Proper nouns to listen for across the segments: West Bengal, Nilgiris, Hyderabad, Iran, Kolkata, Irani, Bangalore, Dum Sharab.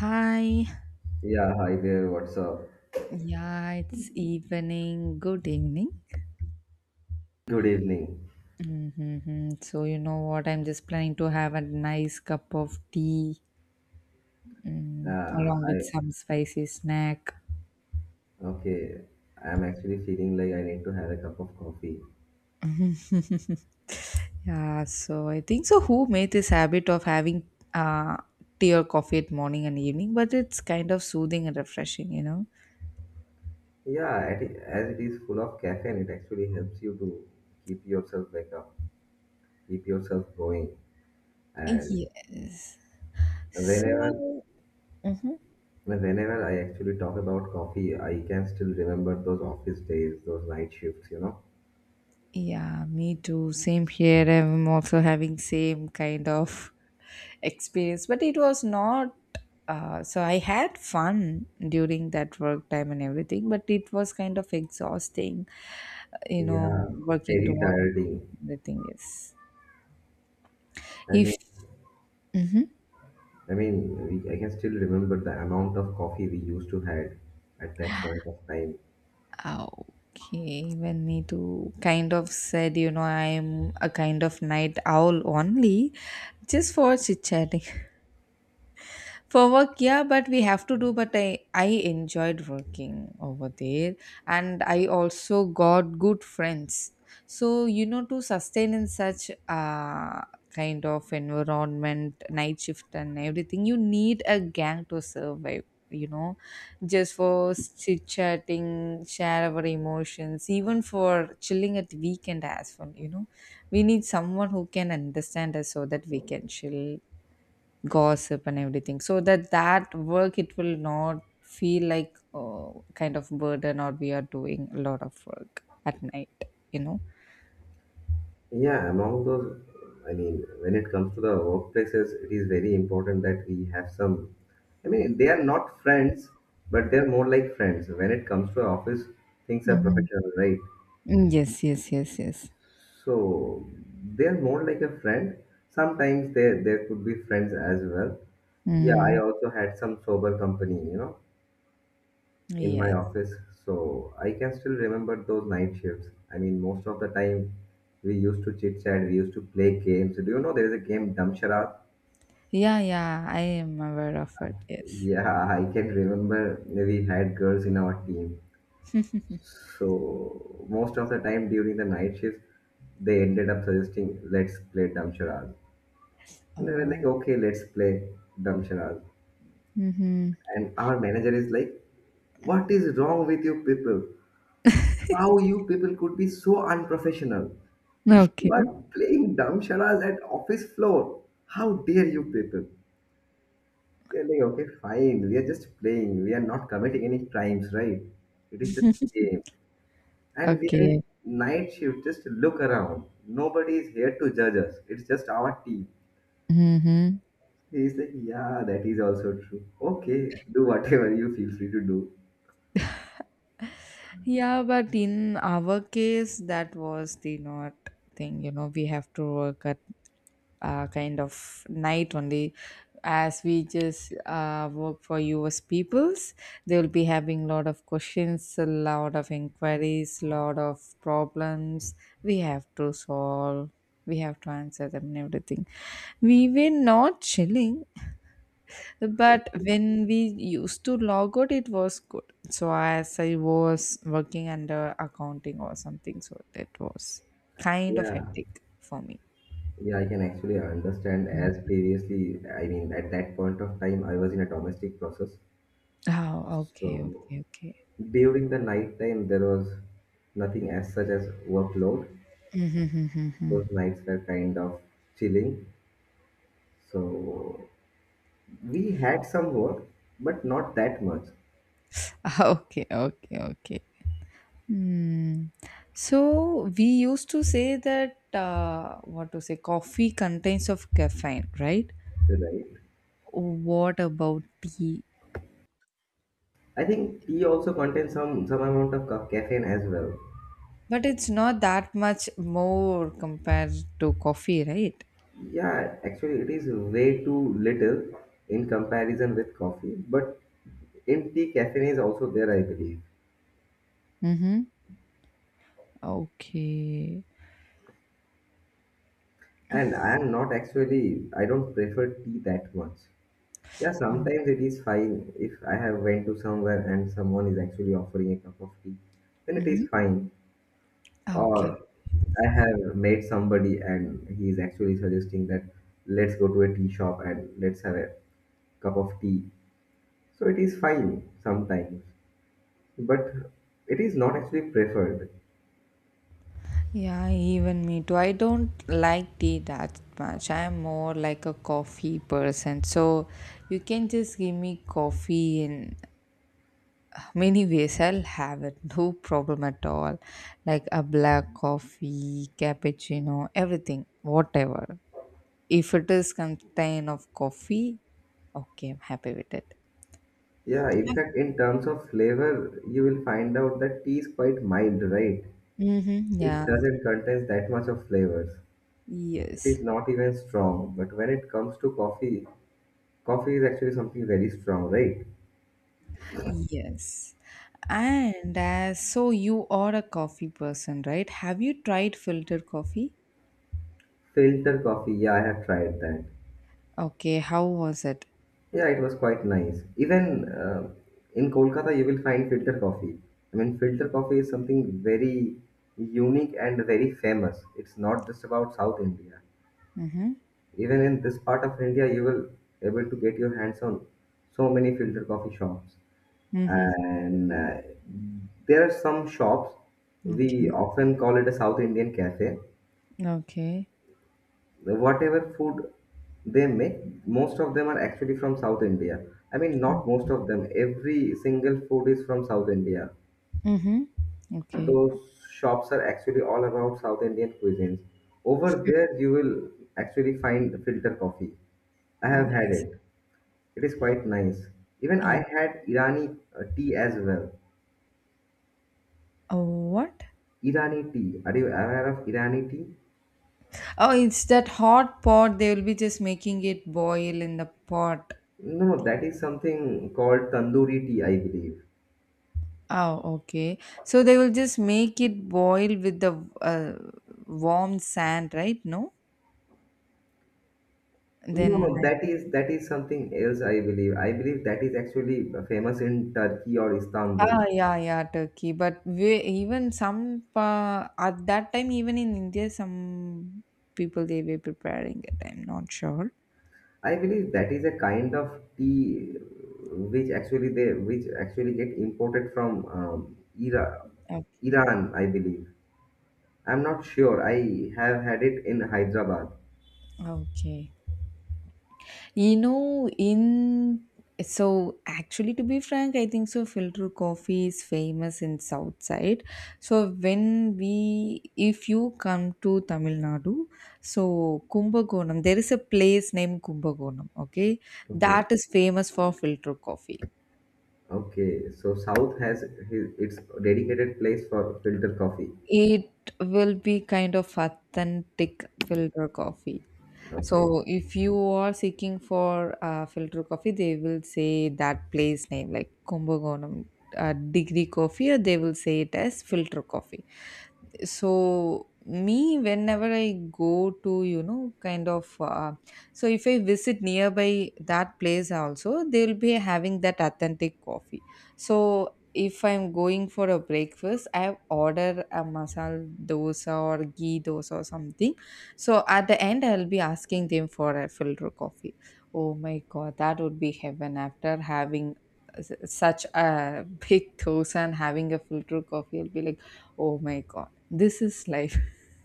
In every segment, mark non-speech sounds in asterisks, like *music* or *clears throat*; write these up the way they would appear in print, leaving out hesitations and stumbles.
Hi. Yeah, hi there. What's up? Yeah, it's evening. Good evening. Good evening. So, you know what? I'm just planning to have a nice cup of tea Uh, along with I some spicy snack. okay. I'm actually feeling like I need to have a cup of coffee. Yeah, so I think so. Who made this habit of having tea or coffee at morning and evening? But it's kind of soothing and refreshing, you know? Yeah, as it is full of caffeine, it actually helps you to keep yourself wake up, keep yourself going. And Yes. whenever, So, whenever I actually talk about coffee, I can still remember those office days, those night shifts. You know. yeah, me too. Same here. I'm also having same kind of experience, but it was not. So I had fun during that work time and everything, but it was kind of exhausting, Yeah, working very towards tiring. everything. Is, I mean, if I can still remember the amount of coffee we used to had at that point of time. uh, okay, even me too. Kind of said, you know, I'm a kind of night owl only, just for chit chatting. For work, yeah, but we have to do. But I enjoyed working over there, and I also got good friends. So you know, to sustain in such kind of environment, night shift and everything, you need a gang to survive. You know, just for chit chatting, share our emotions, even for chilling at weekend as well. You know, we need someone who can understand us so that we can chill gossip and everything so that work it will not feel like oh, kind of burden or we are doing a lot of work at night, you know. Yeah, among those, I mean, when it comes to the workplaces, it is very important that we have some. I mean, they are not friends, but they are more like friends. When it comes to office, things are Hmm. professional, right? Yes, yes, yes, yes. So they are more like a friend. Sometimes there could be friends as well. Yeah, I Mm. also had some sober company. In my Yes. office, so I can still remember those night shifts. I mean, most of the time we used to chit chat, we used to play games. Do you know there is a game Dum Sharab? Yeah, yeah, I am aware of it. Yes. Yeah, *laughs* I can remember we had girls in our team. So most of the time during the night shifts, they ended up suggesting, "Let's play Dum Sharab." And they were like, Oh. "Okay, let's play Dum Sharab." Mm-hmm. And our manager is like, "What is wrong with you people? How you people could be so unprofessional?" You are Okay. playing dumb charades at office floor. How dare you people? We are like, okay, fine. We are just playing. We are not committing any crimes, right? It is just a game. And we are in Okay. night shift. Just look around. Nobody is here to judge us. It's just our team. Mm-hmm. He is like, yeah, that is also true. Okay, do whatever you feel free to do. Yeah, but in our case, that was the not thing. You know, we have to work at kind of night only as we just work for US peoples, they will be having lot of questions, a lot of inquiries, lot of problems we have to solve. We have to answer them and everything. We were not chilling, but when we used to log out, it was good. So, as I was working under accounting or something, so that was kind of Yeah. hectic for me. Yeah, I can actually understand Mm. as previously, I mean, at that point of time, I was in a domestic process. Oh, okay, So okay, during the night time, there was nothing as such as workload. okay. Those *laughs* nights were kind of chilling. So we had some work, but not that much, *laughs* Okay, okay, okay. Hmm. So we used to say that what to say, coffee contains of caffeine, right? right? What about tea? I think tea also contains some amount of caffeine as well. But it's not that much more compared to coffee, right? Yeah, actually, it is way too little in comparison with coffee, but in tea, caffeine is also there, I believe. Mm-hmm. Okay. And I am not actually, I don't prefer tea that much. Yeah, Um, sometimes it is fine if I have went to somewhere and someone is actually offering a cup of tea, then it mhm. is fine. Okay. Or I have met somebody and he is actually suggesting that let's go to a tea shop and let's have a cup of tea. So it is fine sometimes, but it is not actually preferred. Yeah, even me too. I don't like tea that much. I am more like a coffee person. So you can just give me coffee and many ways I'll have it, no problem at all, like a black coffee, cappuccino, everything, whatever. If it is contain of coffee, okay, I'm happy with it. Yeah, in fact, in terms of flavor, you will find out that tea is quite mild, right? Mm-hmm. It Yeah. doesn't contain that much of flavors. It Yes, is not even strong, but when it comes to coffee, coffee is actually something very strong, right? yes. And as so you are a coffee person, right? Have you tried filtered coffee? Filter coffee, yeah, I have tried that. Okay, how was it? Yeah, it was quite nice. Even in Kolkata, you will find filter coffee. I mean, filter coffee is something very unique and very famous. It's not just about South India. Mm-hmm. Even in this part of India, you will able to get your hands on so many filter coffee shops. Mm-hmm. And there are some shops we Okay. often call it a South Indian cafe. Okay. Whatever food they make, most of them are actually from South India. I mean, Oh. not most of them, every single food is from South India. Mm-hmm. Okay. Those shops are actually all about South Indian cuisines. Over there you will actually find filter coffee. I have had Yes. it. It is quite nice. Even I had Irani tea as well. Oh, what? Irani tea. Are you aware of Irani tea? Oh, it's that hot pot. They will be just making it boil in the pot. No, no, that is something called tandoori tea, I believe. Oh, okay. So they will just make it boil with the uh, warm sand, right? No? No, Then no, I don't- that is something else, I believe. I believe that is actually famous in Turkey or Istanbul. ah, yeah, yeah, Turkey. But we, even some at that time even in India some people, they were preparing it, I'm not sure. I believe that is a kind of tea which actually get imported from Ira, Okay. Iran, I believe. I'm not sure. I have had it in Hyderabad. Okay. You know, in so actually, to be frank, I think so. Filter coffee is famous in South side. So when we, if you come to Tamil Nadu, so Kumbakonam, there is a place named Kumbakonam. Okay, Okay. that is famous for filter coffee. Okay. So South has its dedicated place for filter coffee. It will be kind of authentic filter coffee. Okay. So if you are seeking for filter coffee, they will say that place name like Kumbakonam degree coffee, or they will say it as filter coffee. So me, whenever I go to, you know, kind of so if I visit nearby that place also, they will be having that authentic coffee. So if I'm going for a breakfast, I have order a masala dosa or ghee dosa or something. So at the end, I'll be asking them for a filter coffee. Oh my god, that would be heaven. After having such a *laughs* big dosa and having a filter coffee, I'll be like, oh my god, this is life. *laughs*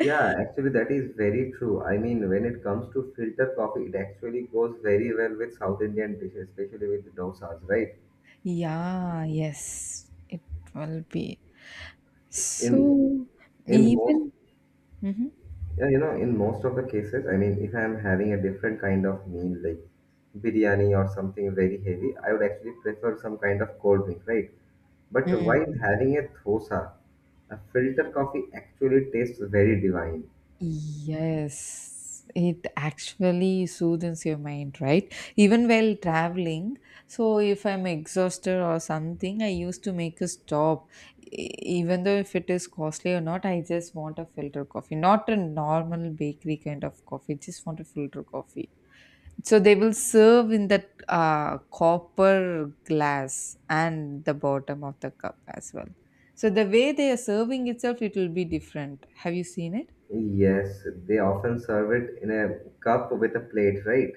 Yeah, actually, that is very true. I mean, when it comes to filter coffee, it actually goes very well with South Indian dishes, especially with dosas, right? Yeah, yes, it will be. In So, in most, even mhm. yeah, you know, in most of the cases, I mean, if I'm having a different kind of meal, like biryani or something very heavy, I would actually prefer some kind of cold drink, right? But while Mm, having a dosa, a filter coffee actually tastes very divine. yes, it actually soothes your mind, right? Even while traveling. So, if I'm exhausted or something, I used to make a stop. E- Even though if it is costly or not, I just want a filter coffee, not a normal bakery kind of coffee, just want a filter coffee. So they will serve in that copper glass and the bottom of the cup as well. So the way they are serving itself, it will be different. Have you seen it? Yes, they often serve it in a cup with a plate, right?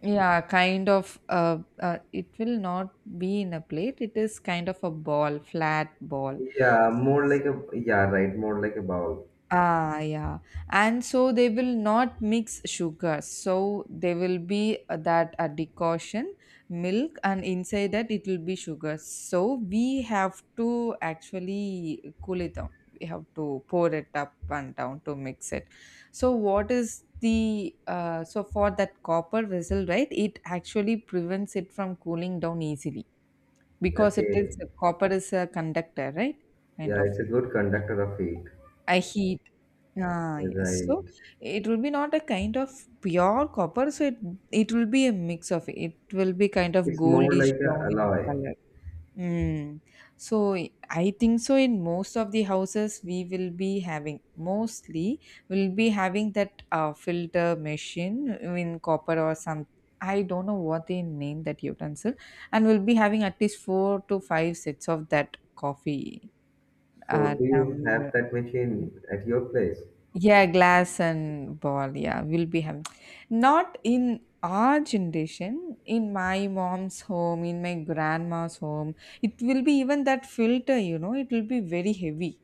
Yeah, kind of it will not be in a plate, it is kind of a ball, flat ball. Yeah, more like a yeah, right, more like a bowl. Ah, yeah. And so they will not mix sugars. So they will be that a decoction, milk, and inside that it will be sugar. So we have to actually cool it down. We have to pour it up and down to mix it. So what is the so for that copper vessel, right? It actually prevents it from cooling down easily because it is Okay. copper is a conductor, right? Kind Yeah, of it's a thing. good conductor of heat. A heat, ah, yes. So Right. it will be not a kind of pure copper, so it will be a mix of, it will be kind of It's more goldish like a brown in alloy. color. Mm. So I think so, in most of the houses we will be having mostly will be having that filter machine in copper or some, I don't know what they name that utensil. And we'll be having at least 4 to 5 sets of that coffee So do you have tumbler. that machine at your place? Yeah, glass and ball. Yeah, will be him. Not in our generation, in my mom's home, in my grandma's home, it will be even that filter, you know, it will be very heavy.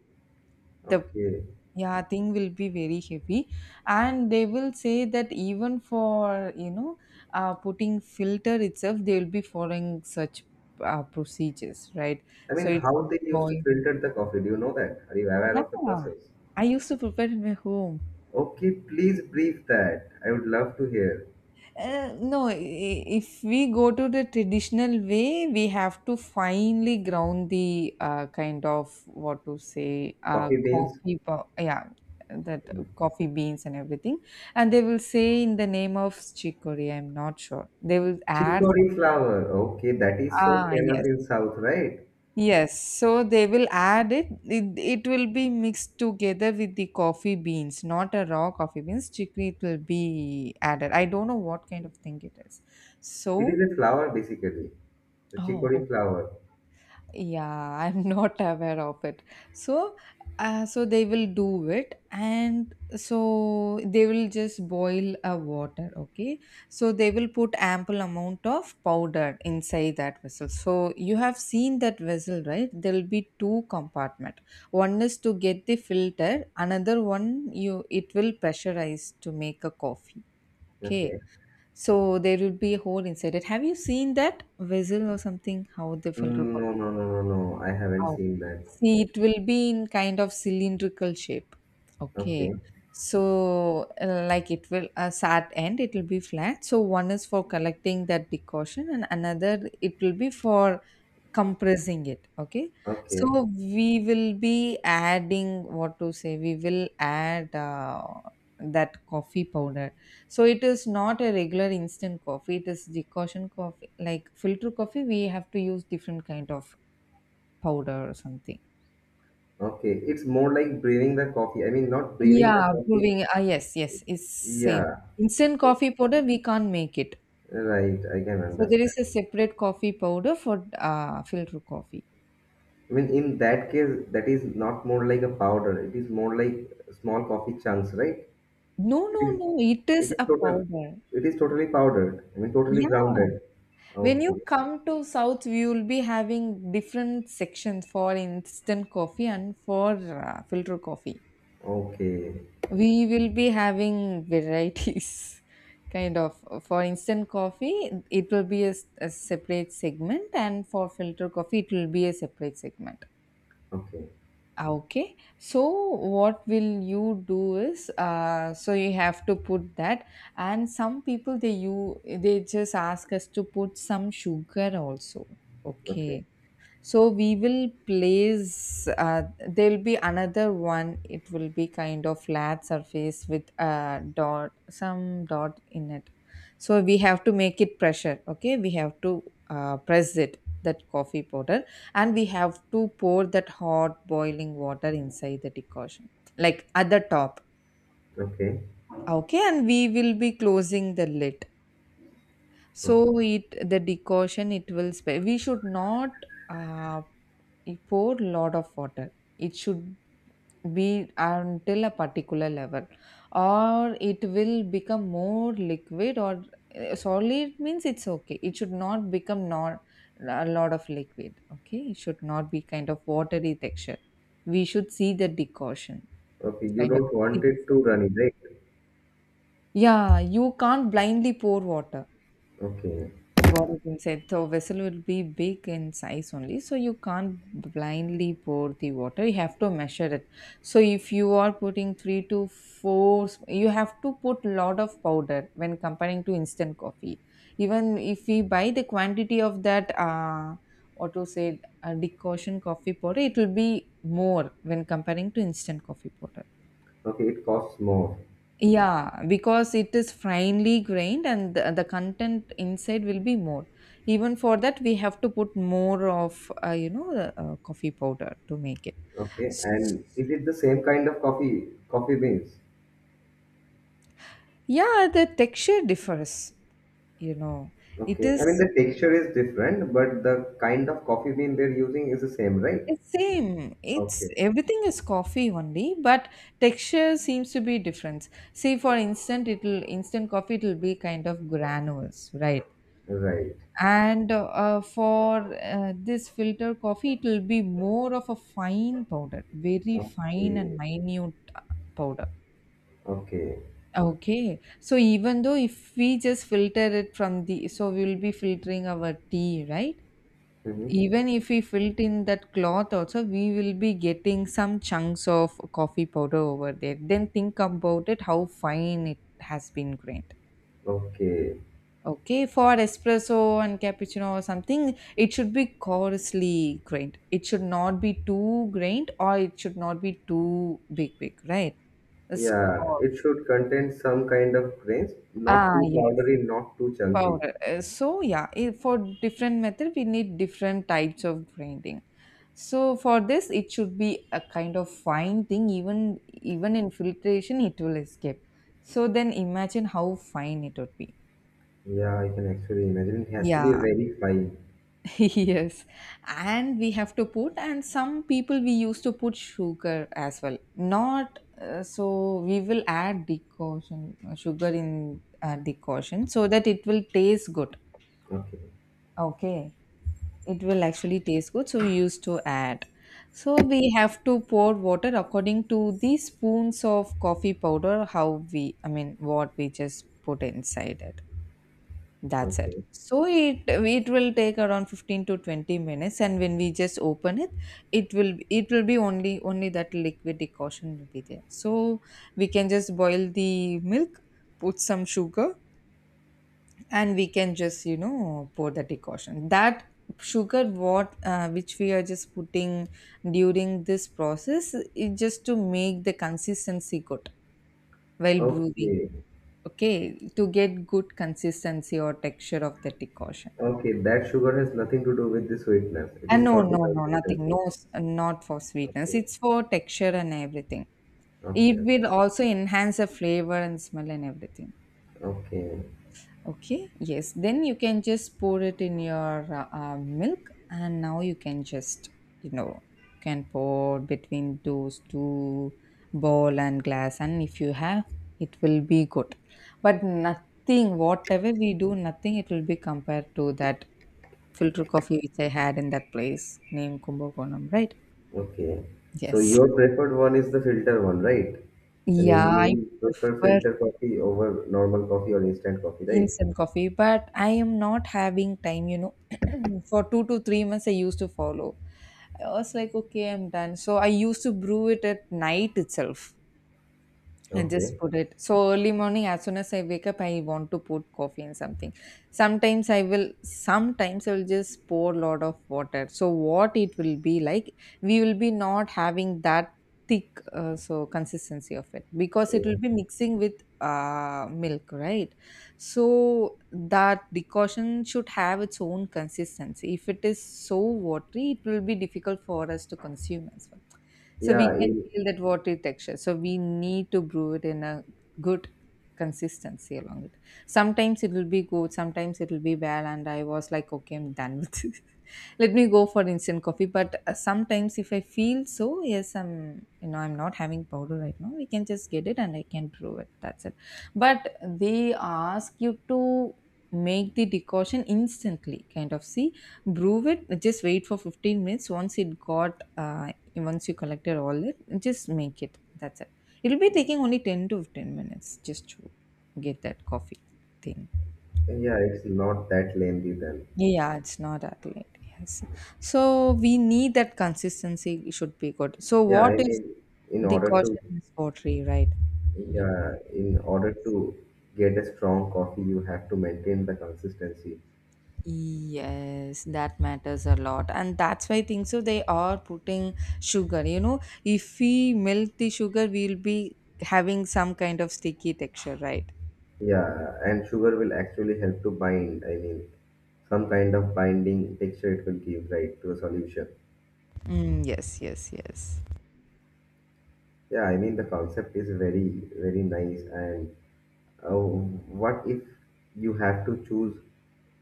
The Okay. yeah, thing will be very heavy, and they will say that even for, you know, putting filter itself, they will be following such procedures, right? I So mean, it how would they used to filter the coffee, do you know that? Are you aware yeah, of the process? I used to prepare in my home. Okay, please brief that. I would love to hear. Uh, no, i- if we go to the traditional way, we have to finely ground the kind of what to say, Coffee beans, coffee, yeah, that coffee beans and everything. And they will say in the name of chicory, I'm not sure. They will add, chicory some- flower. Okay, that is so ah, famous yes. in South, right? Yes, so they will add it. It will be mixed together with the coffee beans, not a raw coffee beans. Chicory it will be added. I don't know what kind of thing it is. It is So a flower basically. The oh, chicory flower. yeah, *laughs* I'm not aware of it. So, so they will do it, and so they will just boil a water. Okay, so they will put ample amount of powder inside that vessel. So you have seen that vessel, right? There will be two compartment. One is to get the filter. Another one, you it will pressurize to make a coffee. Okay. Okay. So there will be a hole inside it. Have you seen that vessel or something? How they filter Mm, no, coffee? no, no, no, no. I haven't Oh, seen that. see, it will be in kind of cylindrical shape. Okay. Okay, So, like it will, a sat end, it will be flat. So, one is for collecting that decoction, and another, it will be for compressing it. Okay. okay, So, we will be adding what to say, we will add that coffee powder. So, it is not a regular instant coffee, it is decoction coffee. Like filter coffee, we have to use different kind of powder or something. okay. It's more like brewing the coffee. I mean, not brewing the Yeah, coffee. brewing. Ah, yes, yes, it's same. Yeah, Instant yes, coffee powder, we can't make it. right. I can So there understand. is a separate coffee powder for filter coffee. I mean, in that case, that is not more like a powder. It is more like small coffee chunks, right? No, It no, is, no, it it is is a total, powder. it is totally powdered. I mean, totally Yeah, grounded. when Okay, you come to South, we will be having different sections for instant coffee and for filter coffee. okay, We will be having varieties, *laughs* kind of. For instant coffee, it will be a, a separate segment, and for filter coffee, it will be a separate segment. okay, Ah, okay, so what will you do is, so you have to put that, and some people they you they just ask us to put some sugar also. Okay, okay, so we will place, there'll be another one. It will be kind of flat surface with a dot, some dot in it. So we have to make it pressure. Okay. We have to press it, that coffee powder, and we have to pour that hot boiling water inside the decoction, like at the top. okay, Okay. And we will be closing the lid. okay. So the decoction, it will, we should not, uh, you pour lot of water. It should be until a particular level, or it will become more liquid or solid. Means it's okay, it should not become not a lot of liquid. Okay, it should not be kind of watery texture. We should see the decoction, Okay, you kind of don't want thick it to substance. runny, right? Yeah, you can't blindly pour water. Okay. Got it inside. So vessel will be big in size only. So you can't blindly pour the water. You have to measure it. So if you are putting three to four, you have to put lot of powder when comparing to instant coffee. Even if we buy the quantity of that, what to say, decoction coffee powder, it will be more when comparing to instant coffee powder. Okay, it costs more. Yeah, because it is finely grained and the content inside will be more. Even for that, we have to put more of, the, coffee powder to make it. Okay, and is it the same kind of coffee beans? Yeah, the texture differs, you know. It Okay, I mean is the texture is different, but the kind of coffee bean they're using is the same, right? it's same. It's Okay, everything is coffee only, but texture seems to be different. See, for instant, it'll instant coffee, it'll be kind of granules, right? right. And for this filter coffee, it will be more of a fine powder, very fine and Okay, minute powder. okay. Okay, so even though if we just filter it from the, so we will be filtering our tea, right? Hmm. Even if we filter in that cloth also, we will be getting some chunks of coffee powder over there. Then think about it, how fine it has been grained. Okay. Okay, for espresso and cappuccino or something, it should be coarsely grained. It should not be too grained, or it should not be too big, big, right? It's Yeah, it coarse. should contain some kind of grains, not Ah, too yes, powdery, not too chunky. powder. So, yeah, for different method, we need different types of grinding. So, for this, it should be a kind of fine thing. Even in filtration, it will escape. So, then imagine how fine it would be. Yeah, I can actually imagine. It has to be Yeah. very fine. *laughs* Yes, and we have to put, and some people we used to put sugar as well. Not so we will add decoction, sugar in decoction, so that it will taste good. Okay, Okay, it will actually taste good, so we used to add. So we have to pour water according to the spoons of coffee powder, how we, I mean, what we just put inside it. That's it. okay, So it will take around 15 to 20 minutes, and when we just open it, it will be only that liquid decoction will be there. So we can just boil the milk, put some sugar, and we can just, you know, pour the decoction. That sugar what which we are just putting during this process is just to make the consistency good while brewing. okay. Okay, to get good consistency or texture of the decoction. Okay, that sugar has nothing to do with the sweetness. It is No, for the no, no, nothing. consistency. No, not for sweetness. Okay, It's for texture and everything. It okay, will also enhance the flavor and smell and everything. okay, Okay, yes. Then you can just pour it in your milk, and now you can just, you know, can pour between those two bowl and glass, and if you have, it will be good. But nothing, whatever we do, nothing, it will be compared to that filter coffee which I had in that place named Kumbakonam, right? okay. So Yes. your preferred one is the filter one, right? I Yeah, mean, you I will prefer prefer filter coffee over normal coffee or instant coffee, right? instant coffee, but I am not having time, you know. *clears throat* For 2 to 3 months, I used to follow. I was like, okay, I'm done. So I used to brew it at night itself. I just Okay. put it. So early morning, as soon as I wake up, I want to put coffee in something. Sometimes I will just pour a lot of water. So what it will be like, we will be not having that thick so consistency of it because it will Eh, be mixing with milk, right? So that decoction should have its own consistency. If it is so watery, it will be difficult for us to consume as well. So we yeah, can feel that watery texture. So we need to brew it in a good consistency along it. Sometimes it will be good, sometimes it will be bad, and I was like, okay, I'm done with this. Let me go for instant coffee, but sometimes if I feel so, yes, I'm, you know, I'm not having powder right now, we can just get it and I can brew it. That's it. But they ask you to make the decoction instantly, kind of. See, brew it, just wait for 15 minutes, once it got, once you collected all, it just make it, that's it. It'll be taking only 10 to 15 minutes just to get that coffee thing. yeah, it's not that lengthy then. Yeah, it's not accurate. Yes. So we need that consistency should be good. So Yeah, what I if mean, in the order caution to, is pottery, right? Will be not. yeah, in order to get a strong coffee, you have to maintain the consistency. Yes, that matters a lot. And that's why I think so they are putting sugar. You know, if we melt the sugar, we'll be having some kind of sticky texture, right? Yeah, and sugar will actually help to bind, I mean, some kind of binding texture it will give, right, to a solution. Mm, yes, yes, yes. Yeah, I mean, the concept is very, very nice. And what if you have to choose,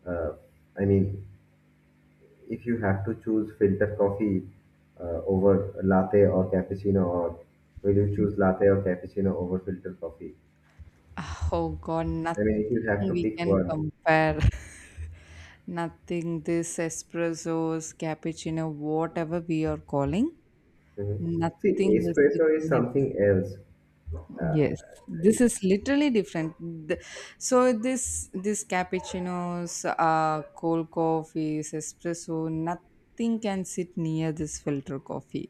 uh, I mean, if you have to choose filter coffee over latte or cappuccino, or will you choose latte or cappuccino over filter coffee? Oh God, I nothing mean, if you have to we pick can one. compare. *laughs* Nothing, this espressos, cappuccino, whatever we are calling, Mhm. nothing See, will sit espresso is near this. something else. Uh, Yes, this is it's- literally different. The- So this cappuccinos, cold coffees, espresso, nothing can sit near this filter coffee.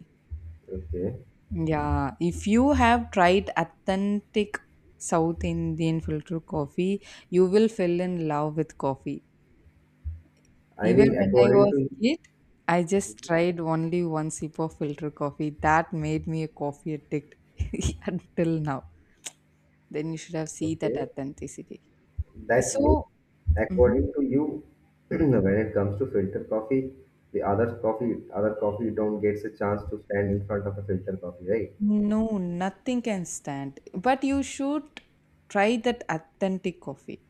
okay. Yeah, if you have tried authentic South Indian filter coffee, you will fall in love with coffee. I Even mean, when I according was to kid, I just tried only one sip of filter coffee. That made me a coffee addict *laughs* until now. Then you should have seen that okay, authenticity. that means So, mhm. according to you, *clears throat* when it comes to filter coffee, the other coffee don't gets a chance to stand in front of a filter coffee, right? No, nothing can stand. But you should try that authentic coffee.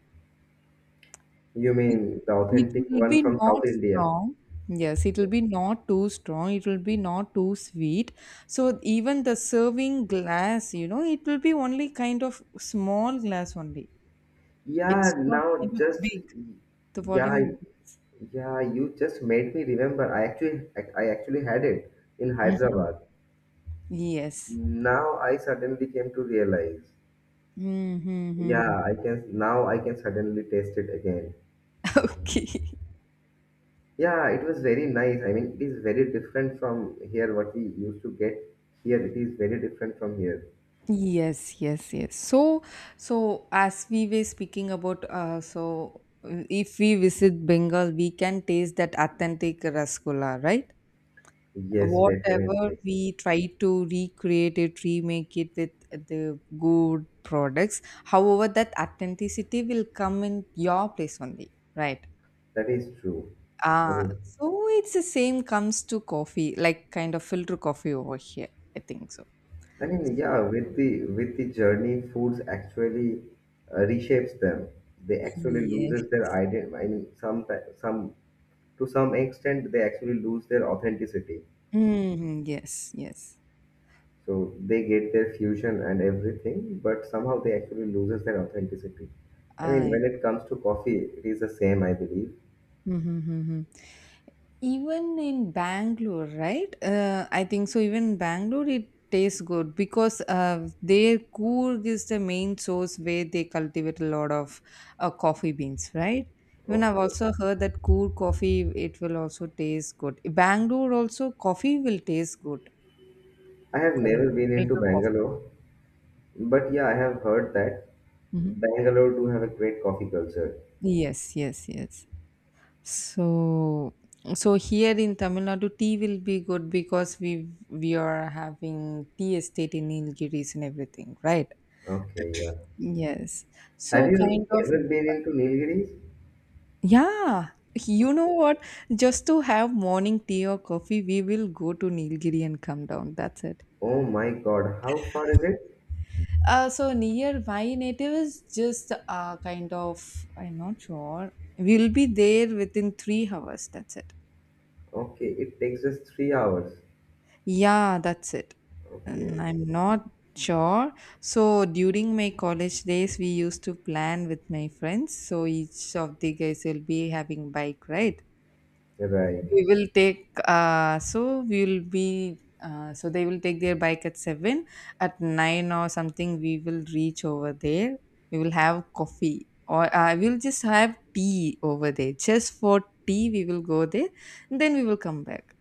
You It, mean the it authentic will one be from not South India? strong. Yes, it will be not too strong. It will be not too sweet. So even the serving glass, you know, it will be only kind of small glass only. Yeah, It's not now kind of just big. The yeah, volume. yeah. You just made me remember. I actually had it in Mhm. Hyderabad. Yes. Now I suddenly came to realize. Mm-hmm. I can suddenly taste it again. *laughs* Okay. Yeah, it was very nice. I mean, it is very different from here, what we used to get here. It is very different from here. Yes, yes, yes. So, so as we were speaking about, if we visit Bengal, we can taste that authentic rasgulla, right? Yes, Whatever definitely. we try to recreate it, remake it with the good products. However, that authenticity will come in your place only, right? That is true. I Ah, mean, so it's the same comes to coffee, like kind of filter coffee over here. I think so. I mean, So yeah, with the journey, foods actually reshapes them. They actually yeah. loses their identity. I mean, some to some extent, they actually lose their authenticity. Mm, yes, yes. So they get their fusion and everything, but somehow they actually loses their authenticity. I mean, I. when it comes to coffee, it is the same, I believe. Mm-hmm. Even in Bangalore, right? I think so. Even in Bangalore, it tastes good because their Coorg is the main source where they cultivate a lot of coffee beans, right? Even I've Okay. also heard that Coorg coffee, it will also taste good. Bangalore also, coffee will taste good. I Oh, have correct. never been into Filter coffee. Bangalore, but yeah, I have heard that Mhm. Bangalore do have a great coffee culture. Yes, yes, yes. So, so here in Tamil Nadu, tea will be good because we are having tea estate in Nilgiris and everything, right? Okay, yeah. Yes. So Have kind you of ever been into Nilgiris? yeah. You know Okay. what? Just to have morning tea or coffee, we will go to Nilgiri and come down. That's it. Oh my God, how far is it? So near my native is just kind of, I'm not sure. We'll be there within 3 hours. That's it. Okay, it takes us 3 hours. Yeah, that's it. And Okay, I'm not sure. So during my college days, we used to plan with my friends. So each of the guys will be having bike, right? right. We will take. So we will be. So they will take their bike at seven. At nine or something, we will reach over there. We will have coffee, or we'll just have tea over there. Just for tea, we will go there. Then we will come back.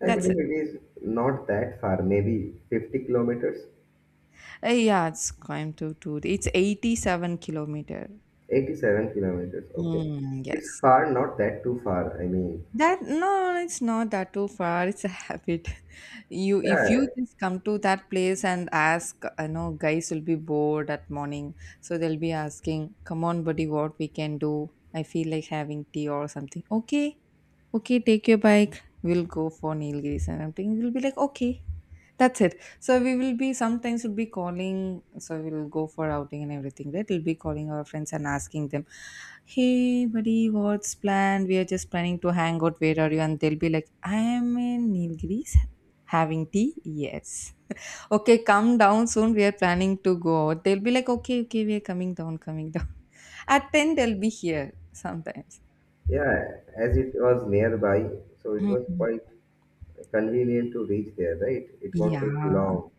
I That's it. believe it is not that far, maybe 50 kilometers. Yeah, it's Coimbatore to, it's 87 kilometer. 87 kilometers. Okay. Mm, It's yes. far, not that too far. I mean, That no, it's not that too far. It's a habit. *laughs* You if you yeah, just come to that place and ask, I know guys will be bored at morning, so they'll be asking, "Come on, buddy, what we can do? I feel like having tea or something." Okay, okay, take your bike. We'll go for Nilgiris, and I'm thinking they'll be like, "Okay, that's it." So we will be sometimes we'll be calling. So we'll go for outing and everything, right? We'll be calling our friends and asking them, "Hey, buddy, what's planned? We are just planning to hang out. Where are you?" And they'll be like, "I am in Nilgiris, having tea. Yes, *laughs* okay, come down soon. We are planning to go out." They'll be like, "Okay, okay, we are coming down, coming down." *laughs* At ten, they'll be here sometimes. yeah, as it was nearby, so it was Mhm. quite convenient to reach there, right? It won't Yeah. take long.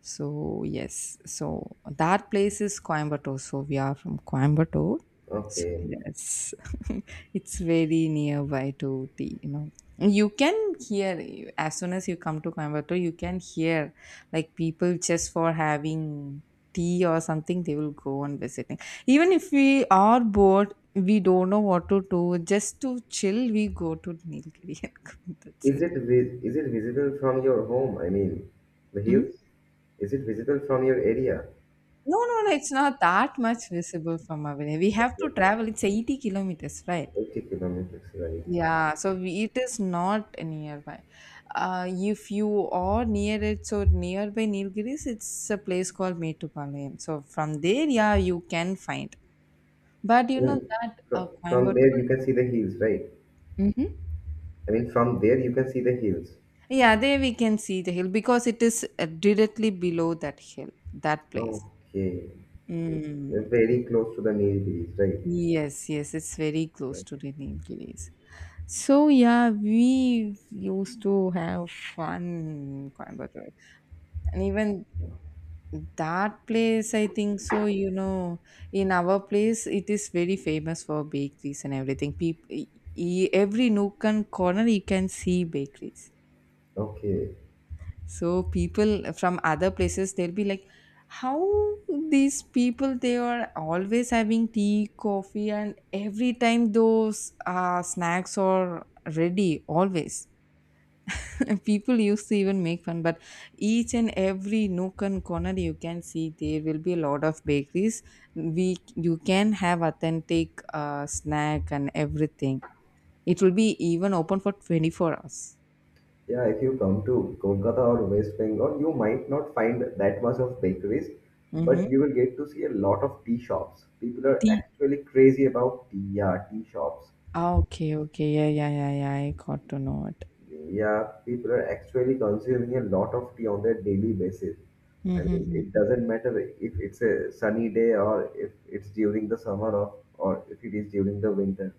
So yes, so that place is Coimbatore. So we are from Coimbatore. So Okay. yes, *laughs* it's very nearby to the, you know, you can hear, as soon as you come to Coimbatore, you can hear like people just for having tea or something, they will go on visiting. Even if we are bored, we don't know what to do. Just to chill, we go to Nilgiri. *laughs* That's it. Is it visible from your home? I mean, the hills? Is it visible from your area? No, no, no. It's not that much visible from our way. We have to Yes, travel. It's 80 kilometers, right? 80 kilometers, right? Yeah, so we, it is not nearby. If you are near it, so nearby Nilgiris, it's a place called Metupalayam. So from there, yeah, you can find. But you know Even that from there Coimbatore, you can see the hills, right? mhm, I mean, from there you can see the hills. yeah, there we can see the hill because it is directly below that hill, that place. Okay. Mm. Very close to the Nilgiris, right? Yes, yes, it's very close to the Nilgiris. So yeah, we used to have fun in Coimbatore, and even that place, I think so. You know, in our place, it is very famous for bakeries and everything. People, every nook and corner, you can see bakeries. Okay. So people from other places, they'll be like, "How these people? They are always having tea, coffee, and every time those snacks are ready always." And people used to even make fun, but each and every nook and corner you can see there will be a lot of bakeries. We you can have authentic snack and everything. It will be even open for 24 hours. Yeah, if you come to Kolkata or West Bengal, you might not find that much of bakeries, Mm-hmm. but you will get to see a lot of tea shops. People are Tea, actually crazy about tea, yeah, tea shops. ah, okay, okay, yeah, yeah, yeah, yeah, I got to know it. Yeah, people are actually consuming a lot of tea on their daily basis. I mean, Mm-hmm. it doesn't matter if it's a sunny day or if it's during the summer or if it is during the winter.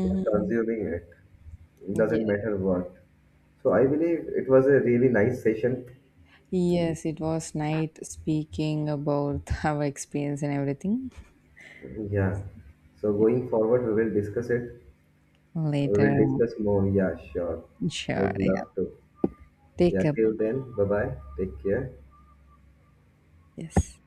They are consuming it. It Yeah. doesn't matter what. So I believe it was a really nice session. Yes, it was night speaking about *laughs* our experience and everything. Yeah. So Yeah. going forward, we will discuss it. We Later. will discuss more. Yeah, sure. I Sure, would yeah, love to. take Yeah, a till book. then, bye bye. Take care. Yes